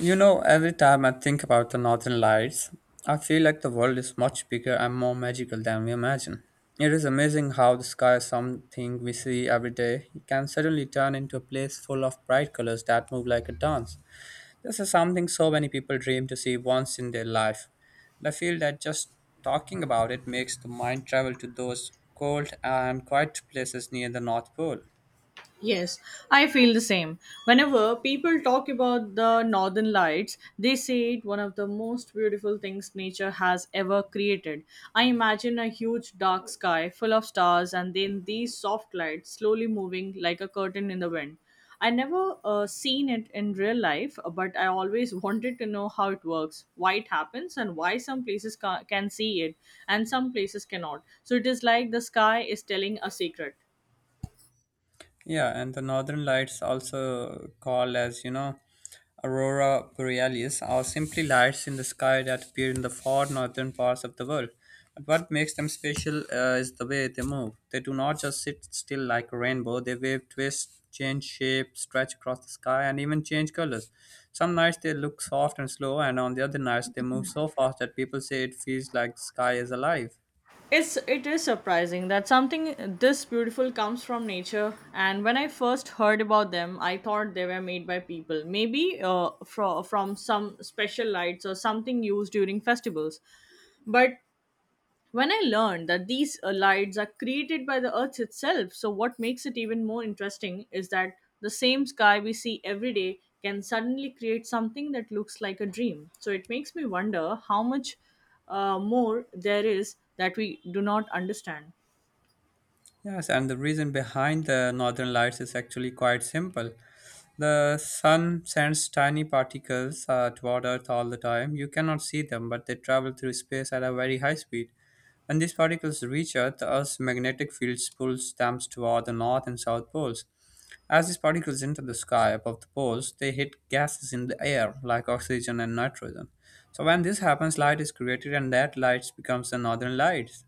You know, every time I think about the northern lights, I feel like the world is much bigger and more magical than we imagine. It is amazing how the sky, something we see every day, can suddenly turn into a place full of bright colors that move like a dance. This is something so many people dream to see once in their life. And I feel that just talking about it makes the mind travel to those cold and quiet places near the North Pole. Yes, I feel the same. Whenever people talk about the Northern Lights, they say it one of the most beautiful things nature has ever created. I imagine a huge dark sky full of stars and then these soft lights slowly moving like a curtain in the wind. I never seen it in real life, but I always wanted to know how it works, why it happens, and why some places can see it and some places cannot. So it is like the sky is telling a secret. Yeah, and the northern lights, also called as, you know, aurora borealis, are simply lights in the sky that appear in the far northern parts of the world. But what makes them special is the way they move. They do not just sit still like a rainbow, they wave, twist, change shape, stretch across the sky, and even change colors. Some nights they look soft and slow, and on the other nights they move so fast that people say it feels like the sky is alive. It is surprising that something this beautiful comes from nature. And when I first heard about them, I thought they were made by people, maybe from some special lights or something used during festivals. But when I learned that these lights are created by the Earth itself, so what makes it even more interesting is that the same sky we see every day can suddenly create something that looks like a dream. So it makes me wonder how much more there is that we do not understand. Yes, and the reason behind the northern lights is actually quite simple. The sun sends tiny particles toward Earth all the time. You cannot see them, but they travel through space at a very high speed. When these particles reach Earth, Earth's magnetic field pulls them toward the north and south poles. As these particles enter the sky above the poles, they hit gases in the air like oxygen and nitrogen. So when this happens, light is created, and that light becomes the northern lights.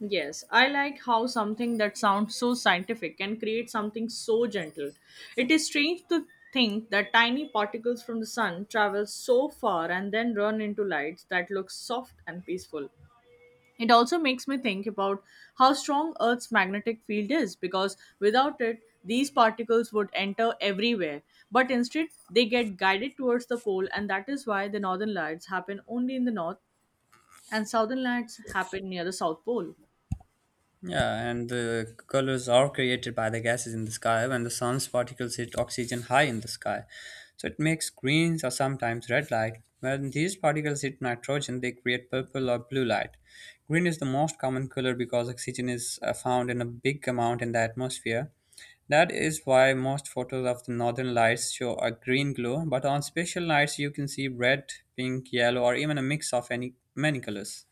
Yes, I like how something that sounds so scientific can create something so gentle. It is strange to think that tiny particles from the sun travel so far and then run into lights that look soft and peaceful. It also makes me think about how strong Earth's magnetic field is because without it, these particles would enter everywhere. But instead, they get guided towards the pole, and that is why the northern lights happen only in the north and southern lights happen near the south pole. Yeah, and the colors are created by the gases in the sky when the sun's particles hit oxygen high in the sky. So it makes greens or sometimes red light. When these particles hit nitrogen, they create purple or blue light. Green is the most common color because oxygen is found in a big amount in the atmosphere. That is why most photos of the northern lights show a green glow, but on special nights you can see red, pink, yellow, or even a mix of any many colors.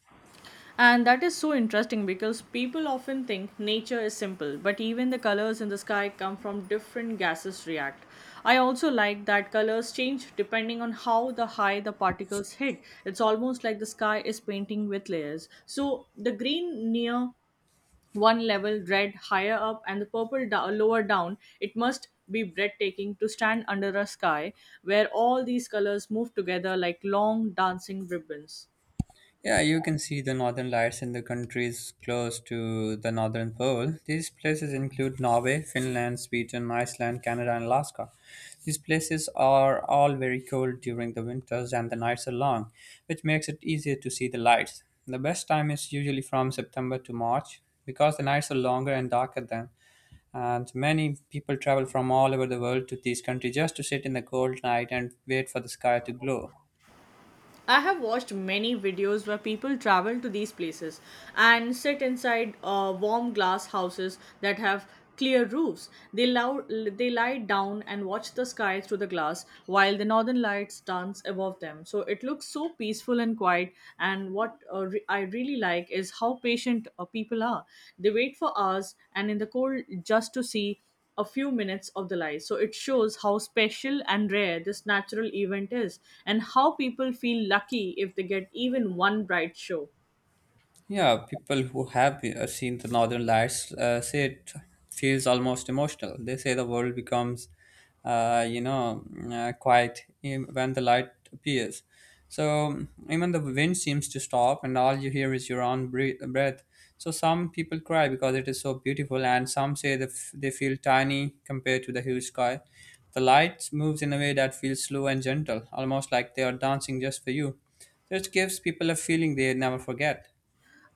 And that is so interesting because people often think nature is simple, but even the colors in the sky come from different gases react. I also like that colors change depending on how the high the particles hit. It's almost like the sky is painting with layers. So the green near one level, red higher up, and the purple lower down. It must be breathtaking to stand under a sky where all these colors move together like long dancing ribbons. Yeah, you can see the northern lights in the countries close to the northern pole. These places include Norway, Finland, Sweden, Iceland, Canada, and Alaska. These places are all very cold during the winters and the nights are long, which makes it easier to see the lights. The best time is usually from September to March because the nights are longer and darker then. And many people travel from all over the world to these countries just to sit in the cold night and wait for the sky to glow. I have watched many videos where people travel to these places and sit inside warm glass houses that have clear roofs. They lie down and watch the sky through the glass while the northern lights dance above them. So it looks so peaceful and quiet. And what I really like is how patient people are. They wait for hours and in the cold just to see a few minutes of the light. So it shows how special and rare this natural event is and how people feel lucky if they get even one bright show. Yeah, people who have seen the Northern Lights say it feels almost emotional. They say the world becomes, quiet when the light appears. So even the wind seems to stop, and all you hear is your own breath. So some people cry because it is so beautiful, and some say that they feel tiny compared to the huge sky. The light moves in a way that feels slow and gentle, almost like they are dancing just for you. So it gives people a feeling they never forget.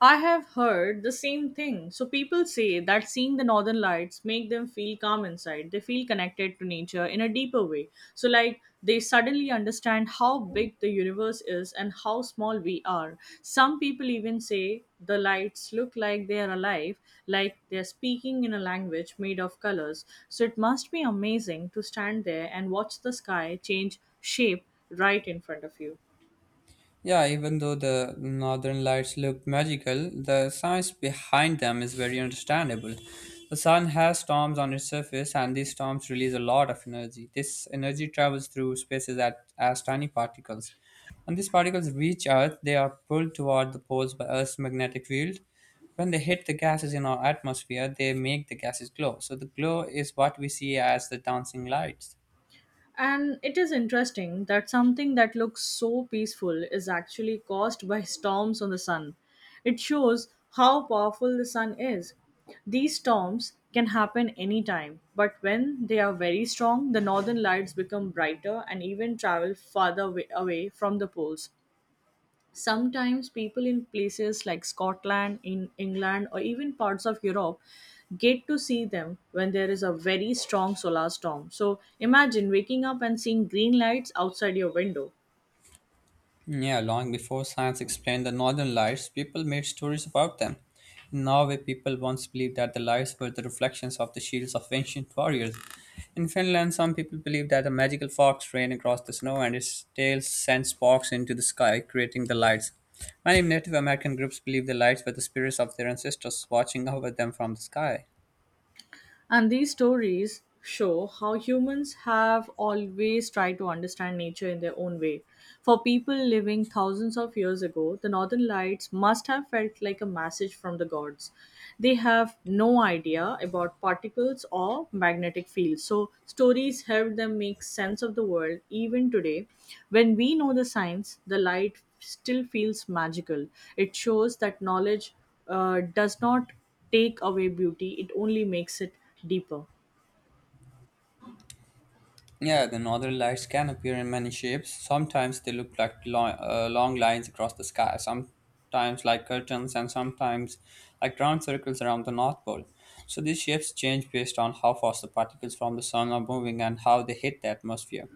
I have heard the same thing. So people say that seeing the northern lights make them feel calm inside. They feel connected to nature in a deeper way. So like they suddenly understand how big the universe is and how small we are. Some people even say the lights look like they are alive, like they're speaking in a language made of colors. So it must be amazing to stand there and watch the sky change shape right in front of you. Yeah, even though the northern lights look magical, the science behind them is very understandable. The sun has storms on its surface, and these storms release a lot of energy. This energy travels through spaces as tiny particles. When these particles reach Earth, they are pulled toward the poles by Earth's magnetic field. When they hit the gases in our atmosphere, they make the gases glow. So, the glow is what we see as the dancing lights. And it is interesting that something that looks so peaceful is actually caused by storms on the sun. It shows how powerful the sun is. These storms can happen anytime, but when they are very strong, the northern lights become brighter and even travel farther away from the poles sometimes people in places like Scotland, in England, or even parts of Europe get to see them when there is a very strong solar storm. So imagine waking up and seeing green lights outside your window. Yeah, long before science explained the northern lights, people made stories about them. In Norway, people once believed that the lights were the reflections of the shields of ancient warriors. In Finland, some people believe that a magical fox ran across the snow and its tail sent sparks into the sky, creating the lights. Many Native American groups believe the lights were the spirits of their ancestors watching over them from the sky. And these stories show how humans have always tried to understand nature in their own way. For people living thousands of years ago, the northern lights must have felt like a message from the gods. They have no idea about particles or magnetic fields. So, stories help them make sense of the world even today. When we know the science, the light still feels magical. It shows that knowledge does not take away beauty, it only makes it deeper. Yeah, the northern lights can appear in many shapes. Sometimes they look like long lines across the sky, sometimes like curtains, and sometimes like round circles around the North Pole. So these shapes change based on how fast the particles from the sun are moving and how they hit the atmosphere.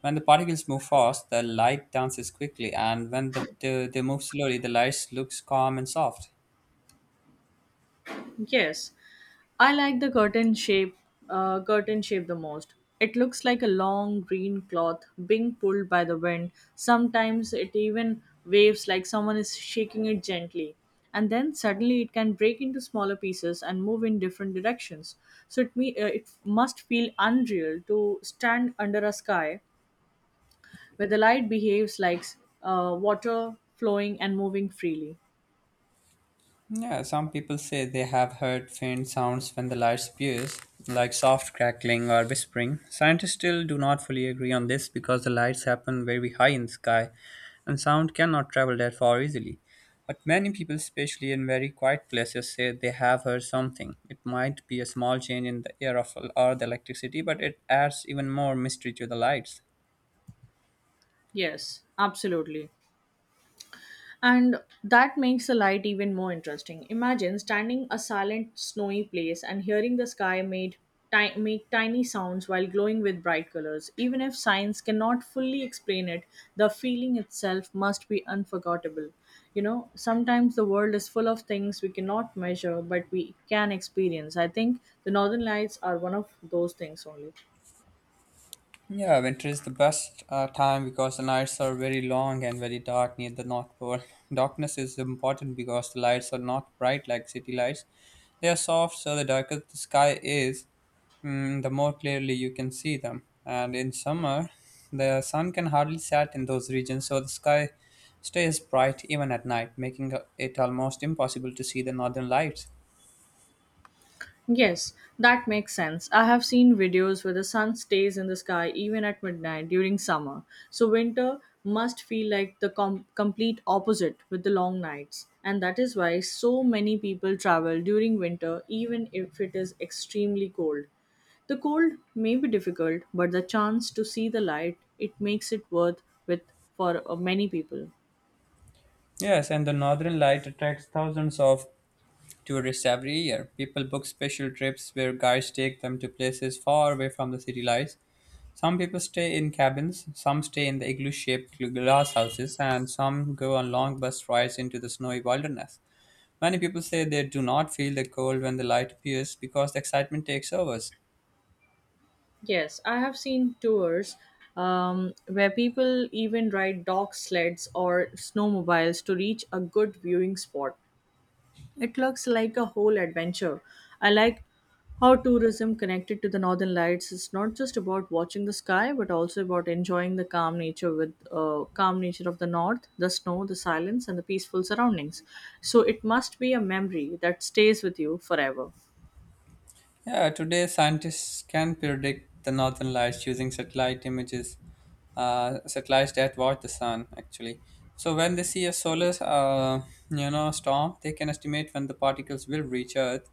When the particles move fast, the light dances quickly, and when they move slowly, the light looks calm and soft. Yes, I like the curtain shape the most. It looks like a long green cloth being pulled by the wind. Sometimes it even waves like someone is shaking it gently. And then suddenly it can break into smaller pieces and move in different directions. So it must feel unreal to stand under a sky where the light behaves like water flowing and moving freely. Yeah, some people say they have heard faint sounds when the light appears, like soft crackling or whispering. Scientists still do not fully agree on this because the lights happen very high in the sky and sound cannot travel that far easily. But many people, especially in very quiet places, say they have heard something. It might be a small change in the air or the electricity, but it adds even more mystery to the lights. Yes, absolutely. And that makes the light even more interesting. Imagine standing a silent, snowy place and hearing the sky make tiny sounds while glowing with bright colors. Even if science cannot fully explain it, the feeling itself must be unforgettable. You know, sometimes the world is full of things we cannot measure, but we can experience. I think the Northern Lights are one of those things only. Yeah, winter is the best time because the nights are very long and very dark near the North Pole. Darkness is important because the lights are not bright like city lights. They are soft, so the darker the sky is, the more clearly you can see them. And in summer, the sun can hardly set in those regions, so the sky stays bright even at night, making it almost impossible to see the northern lights. Yes, that makes sense. I have seen videos where the sun stays in the sky even at midnight during summer. So winter must feel like the complete opposite with the long nights. And that is why so many people travel during winter even if it is extremely cold. The cold may be difficult, but the chance to see the light, it makes it worth with for many people. Yes, and the northern light attracts thousands of tourists every year. People book special trips where guides take them to places far away from the city lights. Some people stay in cabins, some stay in the igloo shaped glass houses, and some go on long bus rides into the snowy wilderness. Many people say they do not feel the cold when the light appears because the excitement takes over. Yes, I have seen tours where people even ride dog sleds or snowmobiles to reach a good viewing spot. It looks like a whole adventure. I like how tourism connected to the Northern Lights is not just about watching the sky, but also about enjoying the calm nature of the North, the snow, the silence, and the peaceful surroundings. So it must be a memory that stays with you forever. Yeah, today scientists can predict the northern lights using satellite images, satellites that watch the sun actually. So when they see a storm, they can estimate when the particles will reach Earth.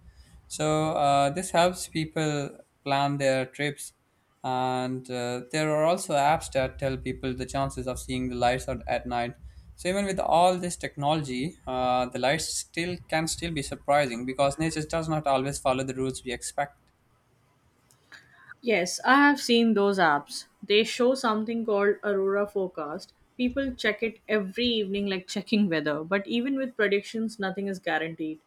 So this helps people plan their trips and there are also apps that tell people the chances of seeing the lights out at night. So even with all this technology the lights still can still be surprising because nature does not always follow the rules we expect. Yes, I have seen those apps. They show something called Aurora Forecast. People check it every evening, like checking weather, but even with predictions, nothing is guaranteed.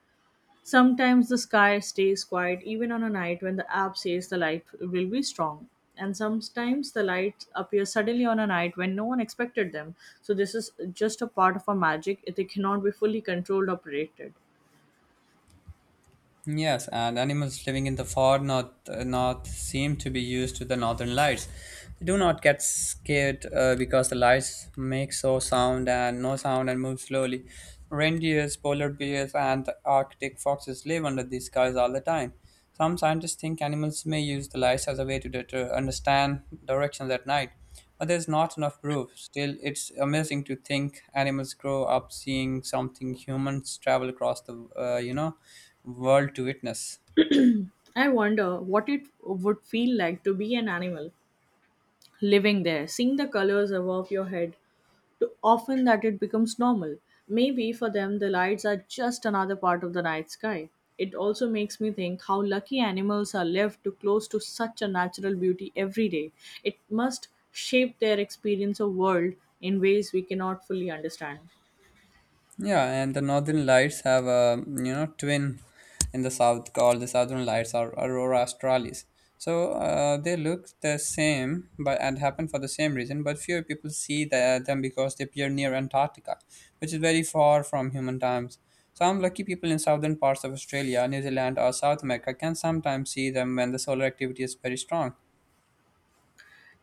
Sometimes the sky stays quiet even on a night when the app says the light will be strong. And sometimes the lights appear suddenly on a night when no one expected them. So, this is just a part of our magic. They cannot be fully controlled or predicted. Yes, and animals living in the north seem to be used to the northern lights. They do not get scared because the lights make so sound and no sound and move slowly. Reindeers, polar bears, and the Arctic foxes live under these skies all the time. Some scientists think animals may use the lights as a way to understand directions at night, but there's not enough proof. Still, it's amazing to think animals grow up seeing something humans travel across the world to witness. I wonder what it would feel like to be an animal living there, seeing the colors above your head too often that it becomes normal. Maybe for them, the lights are just another part of the night sky. It also makes me think how lucky animals are left to close to such a natural beauty every day. It must shape their experience of world in ways we cannot fully understand. Yeah, and the northern lights have a, you know, twin in the south called the southern lights or aurora australis. So they look the same, but and happen for the same reason. But fewer people see them because they appear near Antarctica, which is very far from human times. Some lucky people in southern parts of Australia, New Zealand, or South America can sometimes see them when the solar activity is very strong.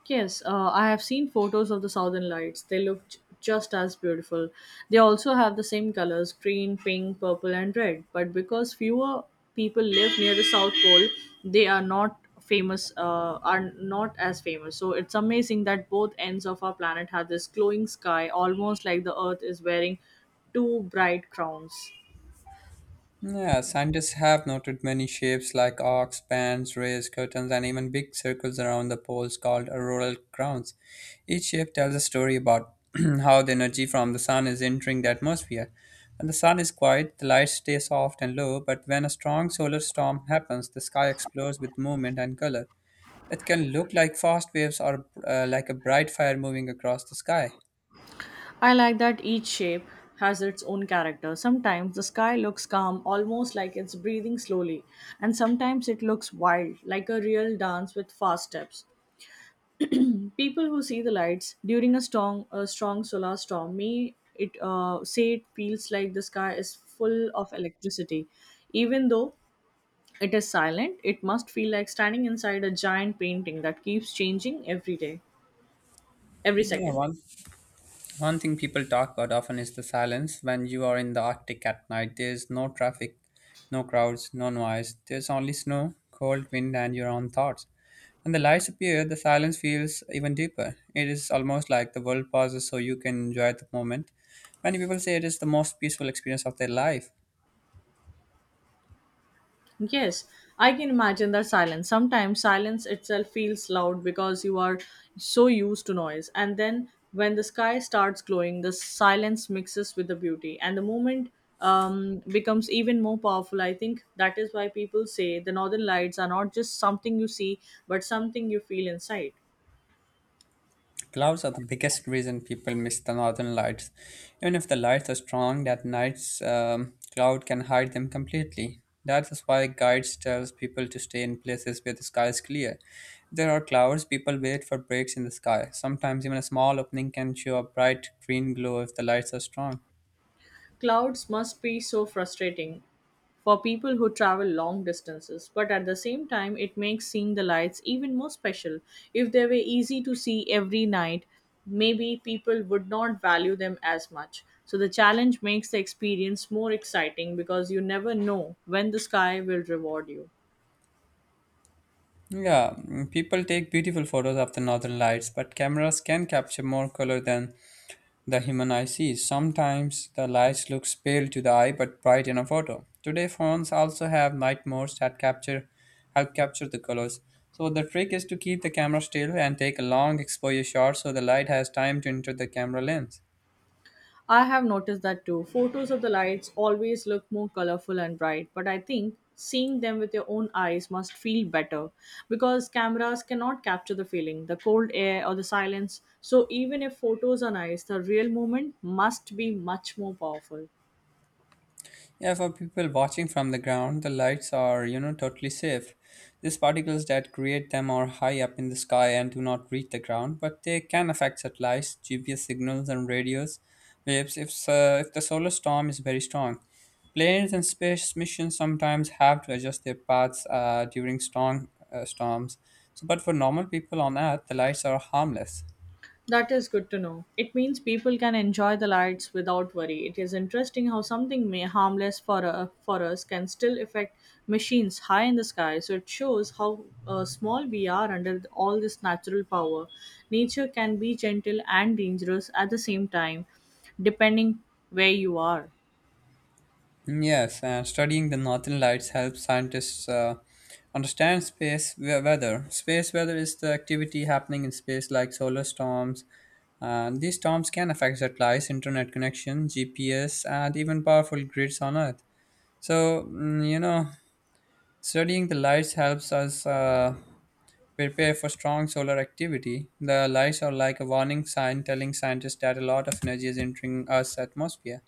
Yes, I have seen photos of the Southern Lights. They look just as beautiful. They also have the same colors green, pink, purple, and red. But because fewer people live near the South Pole, they are not famous, are not as famous. So it's amazing that both ends of our planet have this glowing sky, almost like the Earth is wearing two bright crowns. Yeah, scientists have noted many shapes like arcs, bands, rays, curtains, and even big circles around the poles called auroral crowns. Each shape tells a story about how the energy from the sun is entering the atmosphere. When the sun is quiet, the light stays soft and low, but when a strong solar storm happens, the sky explodes with movement and color. It can look like fast waves or like a bright fire moving across the sky. I like that each shape has its own character. Sometimes the sky looks calm, almost like it's breathing slowly, and sometimes it looks wild, like a real dance with fast steps. People who see the lights during a strong solar storm may it say it feels like the sky is full of electricity, even though it is silent. It must feel like standing inside a giant painting that keeps changing every day, every Yeah, second. one One thing people talk about often is the silence when you are in the Arctic at night. There's no traffic, no crowds, no noise. There's only snow, cold wind, and your own thoughts. When the lights appear, the silence feels even deeper. It is almost like the world pauses so you can enjoy the moment. Many people say it is the most peaceful experience of their life. Yes, I can imagine that silence. Sometimes silence itself feels loud because you are so used to noise. And then when the sky starts glowing, the silence mixes with the beauty, and the moment becomes even more powerful. I think that is why people say the northern lights are not just something you see, but something you feel inside. Clouds are the biggest reason people miss the northern lights. Even if the lights are strong, that night's cloud can hide them completely. That is why guides tells people to stay in places where the sky is clear. If there are clouds, people wait for breaks in the sky. Sometimes even a small opening can show a bright green glow if the lights are strong. Clouds must be so frustrating for people who travel long distances, but at the same time, it makes seeing the lights even more special. If they were easy to see every night, maybe people would not value them as much. So the challenge makes the experience more exciting because you never know when the sky will reward you. Yeah, people take beautiful photos of the northern lights, but cameras can capture more color than the human eye sees. Sometimes the light looks pale to the eye but bright in a photo. Today phones also have night modes that capture help capture the colors. So the trick is to keep the camera still and take a long exposure shot so the light has time to enter the camera lens. I have noticed that too. Photos of the lights always look more colorful and bright, but I think seeing them with your own eyes must feel better because cameras cannot capture the feeling, the cold air, or the silence. So, even if photos are nice, the real moment must be much more powerful. Yeah, for people watching from the ground, the lights are, totally safe. These particles that create them are high up in the sky and do not reach the ground, but they can affect satellites, GPS signals, and radios waves if the solar storm is very strong. Planes and space missions sometimes have to adjust their paths during strong storms. But for normal people on Earth, the lights are harmless. That is good to know. It means people can enjoy the lights without worry. It is interesting how something may harmless for us can still affect machines high in the sky. So it shows how small we are under all this natural power. Nature can be gentle and dangerous at the same time, depending where you are. Yes, and studying the northern lights helps scientists understand space weather. Space weather is the activity happening in space, like solar storms. And these storms can affect satellites, internet connection, GPS, and even powerful grids on Earth. So, mm, you know, Studying the lights helps us prepare for strong solar activity. The lights are like a warning sign telling scientists that a lot of energy is entering Earth's atmosphere.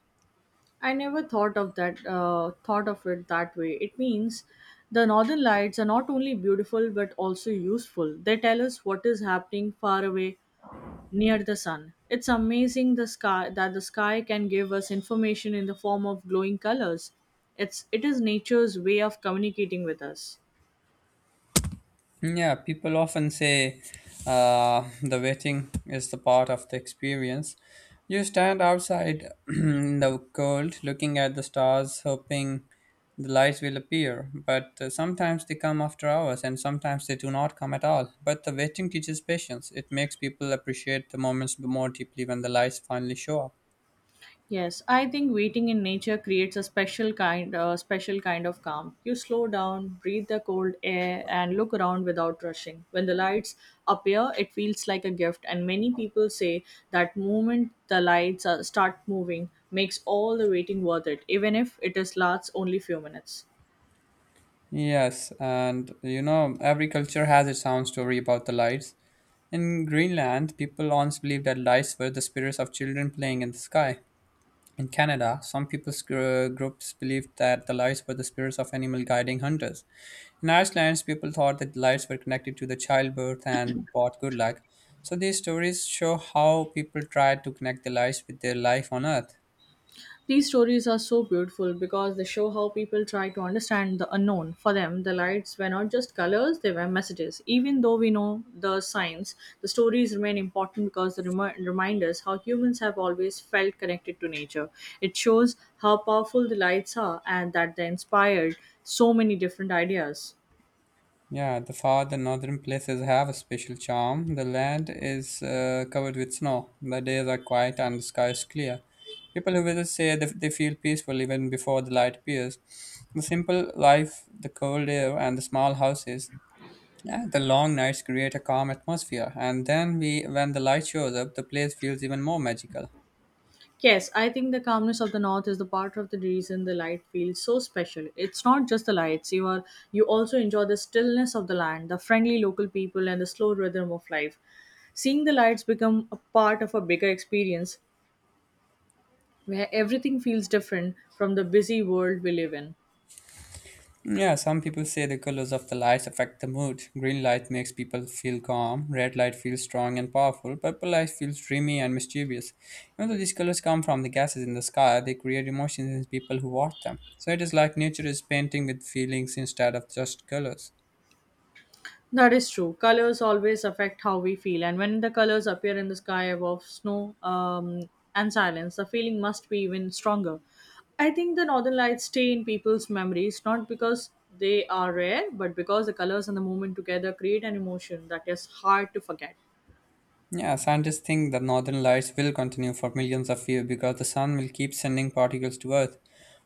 I never thought of that. Thought of it that way. It means the northern lights are not only beautiful but also useful. They tell us what is happening far away near the sun. It's amazing the sky that the sky can give us information in the form of glowing colors. It is nature's way of communicating with us. Yeah, people often say the waiting is the part of the experience. You stand outside in the cold looking at the stars, hoping the lights will appear. But sometimes they come after hours, and sometimes they do not come at all. But the waiting teaches patience. It makes people appreciate the moments more deeply when the lights finally show up. Yes, I think waiting in nature creates a special kind of calm. You slow down, breathe the cold air and look around without rushing. When the lights appear, it feels like a gift and many people say that moment the lights start moving makes all the waiting worth it even if it is lasts only few minutes. Yes, and you know, every culture has its own story about the lights. In Greenland, people once believed that lights were the spirits of children playing in the sky. In Canada, some people's groups believed that the lights were the spirits of animal guiding hunters. In Iceland, people thought that lights were connected to the childbirth and brought good luck. So these stories show how people try to connect the lights with their life on Earth. These stories are so beautiful because they show how people try to understand the unknown. For them, the lights were not just colors, they were messages. Even though we know the signs, the stories remain important because they remind us how humans have always felt connected to nature. It shows how powerful the lights are and that they inspired so many different ideas. Yeah, the northern places have a special charm. The land is covered with snow. The days are quiet and the sky is clear. People who visit say that they feel peaceful even before the light appears. The simple life, the cold air, and the small houses, yeah, the long nights create a calm atmosphere. And when the light shows up, the place feels even more magical. Yes, I think the calmness of the north is the part of the reason the light feels so special. It's not just the lights; you also enjoy the stillness of the land, the friendly local people, and the slow rhythm of life. Seeing the lights become a part of a bigger experience where everything feels different from the busy world we live in. Yeah, some people say the colors of the lights affect the mood. Green light makes people feel calm, red light feels strong and powerful, purple light feels dreamy and mischievous. Even though these colors come from the gases in the sky, they create emotions in people who watch them. So it is like nature is painting with feelings instead of just colors. That is true. Colors always affect how we feel, and when the colors appear in the sky above snow and silence, the feeling must be even stronger. I think the northern lights stay in people's memories not because they are rare, but because the colors and the moment together create an emotion that is hard to forget. Yeah, scientists think the northern lights will continue for millions of years because the sun will keep sending particles to Earth.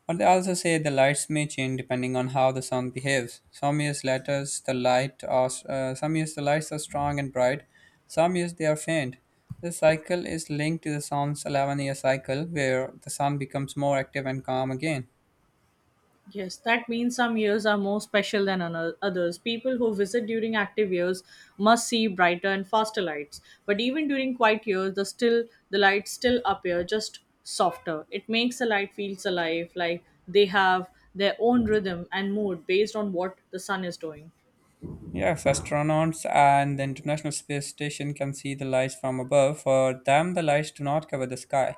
But they also say the lights may change depending on how the sun behaves. Some years the lights are strong and bright, some years they are faint. This cycle is linked to the sun's 11-year cycle where the sun becomes more active and calm again. Yes, that means some years are more special than others. People who visit during active years must see brighter and faster lights. But even during quiet years, the lights still appear just softer. It makes the light feels alive, like they have their own rhythm and mood based on what the sun is doing. Yes, astronauts and the International Space Station can see the lights from above. For them, the lights do not cover the sky.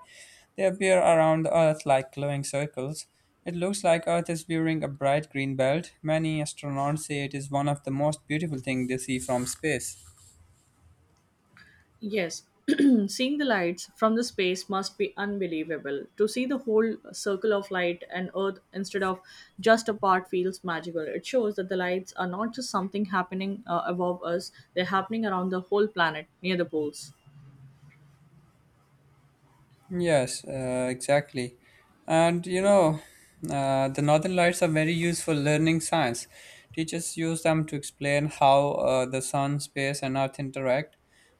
They appear around the Earth like glowing circles. It looks like Earth is wearing a bright green belt. Many astronauts say it is one of the most beautiful things they see from space. Yes, seeing the lights from the space must be unbelievable. To see the whole circle of light and Earth instead of just a part feels magical. It shows that the lights are not just something happening above us, they're happening around the whole planet near the poles. Yes, exactly. And you know, the northern lights are very useful learning science. Teachers use them to explain how the sun, space, and earth interact.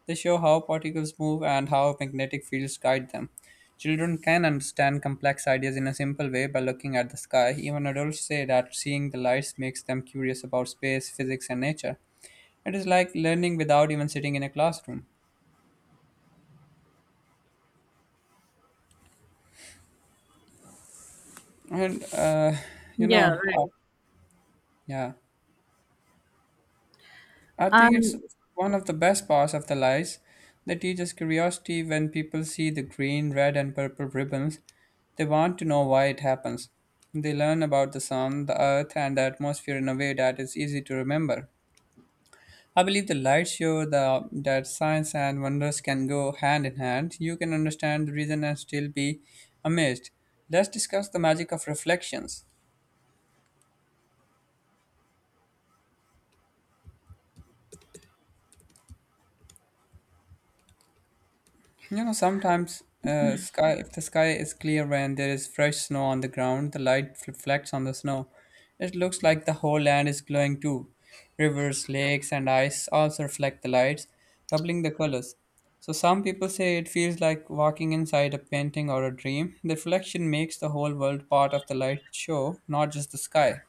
They show how particles move and how magnetic fields guide them. Children can understand complex ideas in a simple way by looking at the sky. Even adults say that seeing the lights makes them curious about space, physics, and nature. It is like learning without even sitting in a classroom. And you Yeah, know, right. yeah. I think it's And one of the best parts of the lights. They teach us curiosity when people see the green, red, and purple ribbons. They want to know why it happens. They learn about the sun, the earth, and the atmosphere in a way that is easy to remember. I believe the lights show that science and wonders can go hand in hand. You can understand the reason and still be amazed. Let's discuss the magic of reflections. You know, sometimes sky if the sky is clear and there is fresh snow on the ground, the light reflects on the snow. It looks like the whole land is glowing too. Rivers, lakes, and ice also reflect the lights, doubling the colors. So some people say it feels like walking inside a painting or a dream. The reflection makes the whole world part of the light show, not just the sky.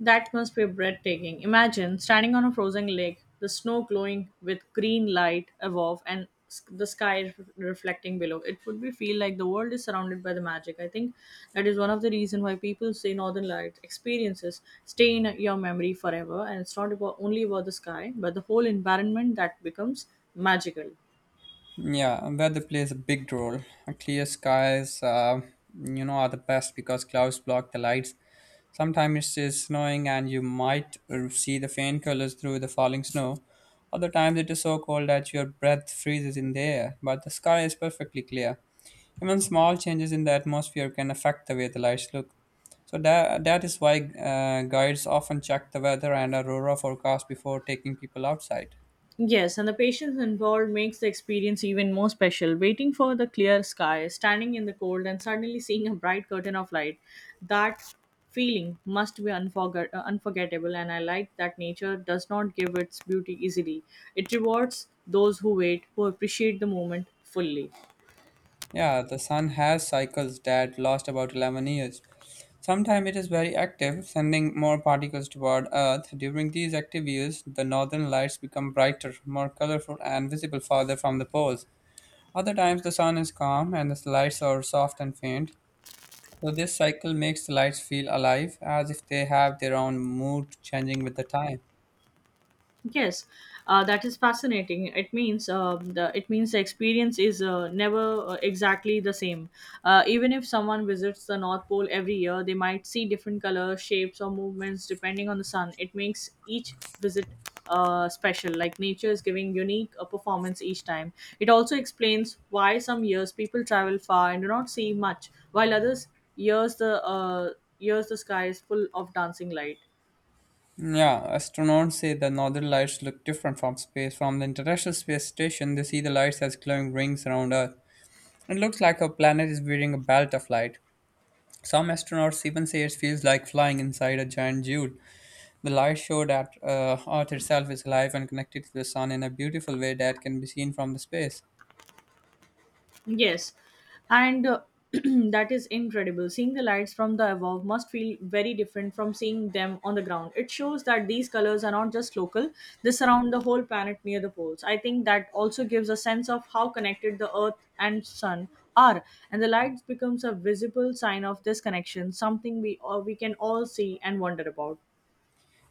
that must be breathtaking. Imagine standing on a frozen lake, the snow glowing with green light above and the sky reflecting below. It would be feel like the world is surrounded by the magic. I think that is one of the reason why people say Northern Light experiences stay in your memory forever and it's not about only about the sky, but the whole environment that becomes magical. Yeah, weather plays a big role. Clear skies, are the best because clouds block the lights. Sometimes it is snowing and you might see the faint colors through the falling snow. Other times it is so cold that your breath freezes in the air, but the sky is perfectly clear. Even small changes in the atmosphere can affect the way the lights look. So that is why guides often check the weather and aurora forecast before taking people outside. Yes, and the patience involved makes the experience even more special. Waiting for the clear sky, standing in the cold, and suddenly seeing a bright curtain of light. That feeling must be unforgettable, and I like that nature does not give its beauty easily. It rewards those who wait, who appreciate the moment fully. Yeah, the sun has cycles that last about 11 years. Sometimes it is very active, sending more particles toward Earth. During these active years, the northern lights become brighter, more colorful, and visible farther from the poles. Other times, the sun is calm and the lights are soft and faint. So, this cycle makes the lights feel alive, as if they have their own mood changing with the time. Yes, that is fascinating. It means the it means the experience is never exactly the same. Even if someone visits the North Pole every year, they might see different colors, shapes, or movements depending on the sun. It makes each visit special. Like nature is giving unique a performance each time. It also explains why some years people travel far and do not see much, while others years the uh, years the sky is full of dancing light. Yeah, astronauts say the northern lights look different from space. From the International Space Station, they see the lights as glowing rings around Earth. It looks like our planet is wearing a belt of light. Some astronauts even say it feels like flying inside a giant jewel. The light showed that Earth itself is alive and connected to the sun in a beautiful way that can be seen from the space. Yes, and that is incredible. Seeing the lights from the above must feel very different from seeing them on the ground. It shows that these colors are not just local, they surround the whole planet near the poles. I think that also gives a sense of how connected the Earth and Sun are, and the lights becomes a visible sign of this connection, something we can all see and wonder about.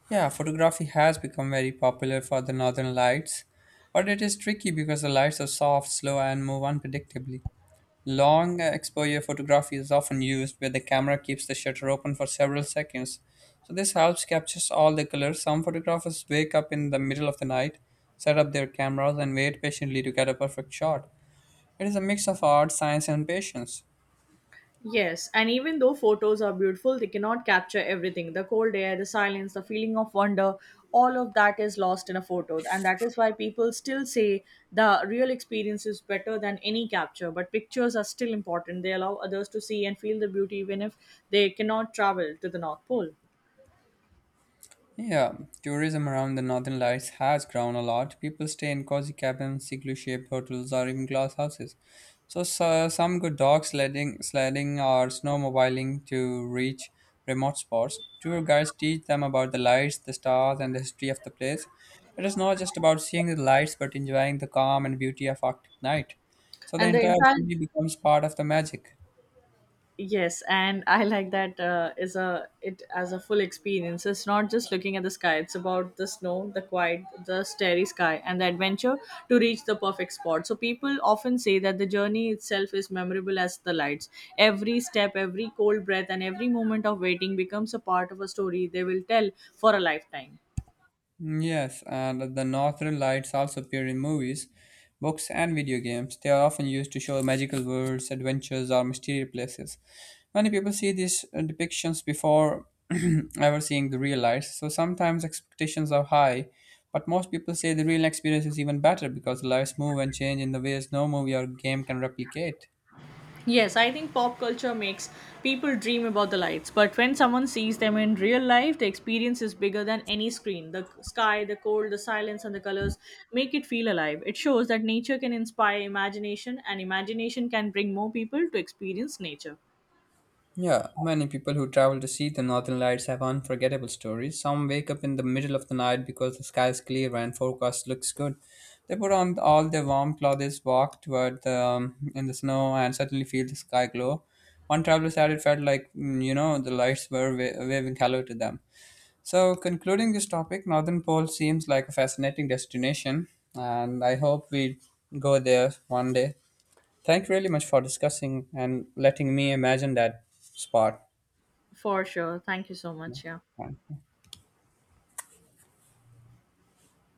Yeah, photography has become very popular for the northern lights, but it is tricky because the lights are soft, slow, and move unpredictably. Long exposure photography is often used where the camera keeps the shutter open for several seconds. So this helps captures all the colors. Some photographers wake up in the middle of the night, set up their cameras and wait patiently to get a perfect shot. It is a mix of art, science and patience. Yes, and even though photos are beautiful, they cannot capture everything. The cold air, the silence, the feeling of wonder, all of that is lost in a photo. And that is why people still say the real experience is better than any capture. But pictures are still important. They allow others to see and feel the beauty even if they cannot travel to the North Pole. Yeah, tourism around the Northern Lights has grown a lot. People stay in cozy cabins, igloo-shaped hotels, or even glass houses. So some go dog sledding or snowmobiling to reach remote spots. Tour guides teach them about the lights, the stars, and the history of the place. It is not just about seeing the lights, but enjoying the calm and beauty of Arctic night. So the And the entire entire journey becomes part of the magic. yes, and I like that is a it as a full experience. It's not just looking at the sky. It's about the snow, the quiet, the starry sky, and the adventure to reach the perfect spot. So people often say that the journey itself is memorable as the lights. Every step, every cold breath, and every moment of waiting becomes a part of a story they will tell for a lifetime. Yes, and the northern lights also appear in movies, books, and video games. They are often used to show magical worlds, adventures, or mysterious places. Many people see these depictions before ever seeing the real lights, so sometimes expectations are high. But most people say the real experience is even better because the lights move and change in the ways no movie or game can replicate. Yes, I think pop culture makes people dream about the lights, but when someone sees them in real life, the experience is bigger than any screen. The sky, the cold, the silence, and the colors make it feel alive. It shows that nature can inspire imagination, and imagination can bring more people to experience nature. Yeah, many people who travel to see the northern lights have unforgettable stories. Some wake up in the middle of the night because the sky is clear and forecast looks good. They put on all their warm clothes, walk toward the in the snow, and suddenly feel the sky glow. One traveler said it felt like the lights were waving hello to them. So, concluding this topic, Northern Pole seems like a fascinating destination, and I hope we go there one day. Thank you really much for discussing and letting me imagine that spot. For sure. Thank you so much. Yeah. Okay.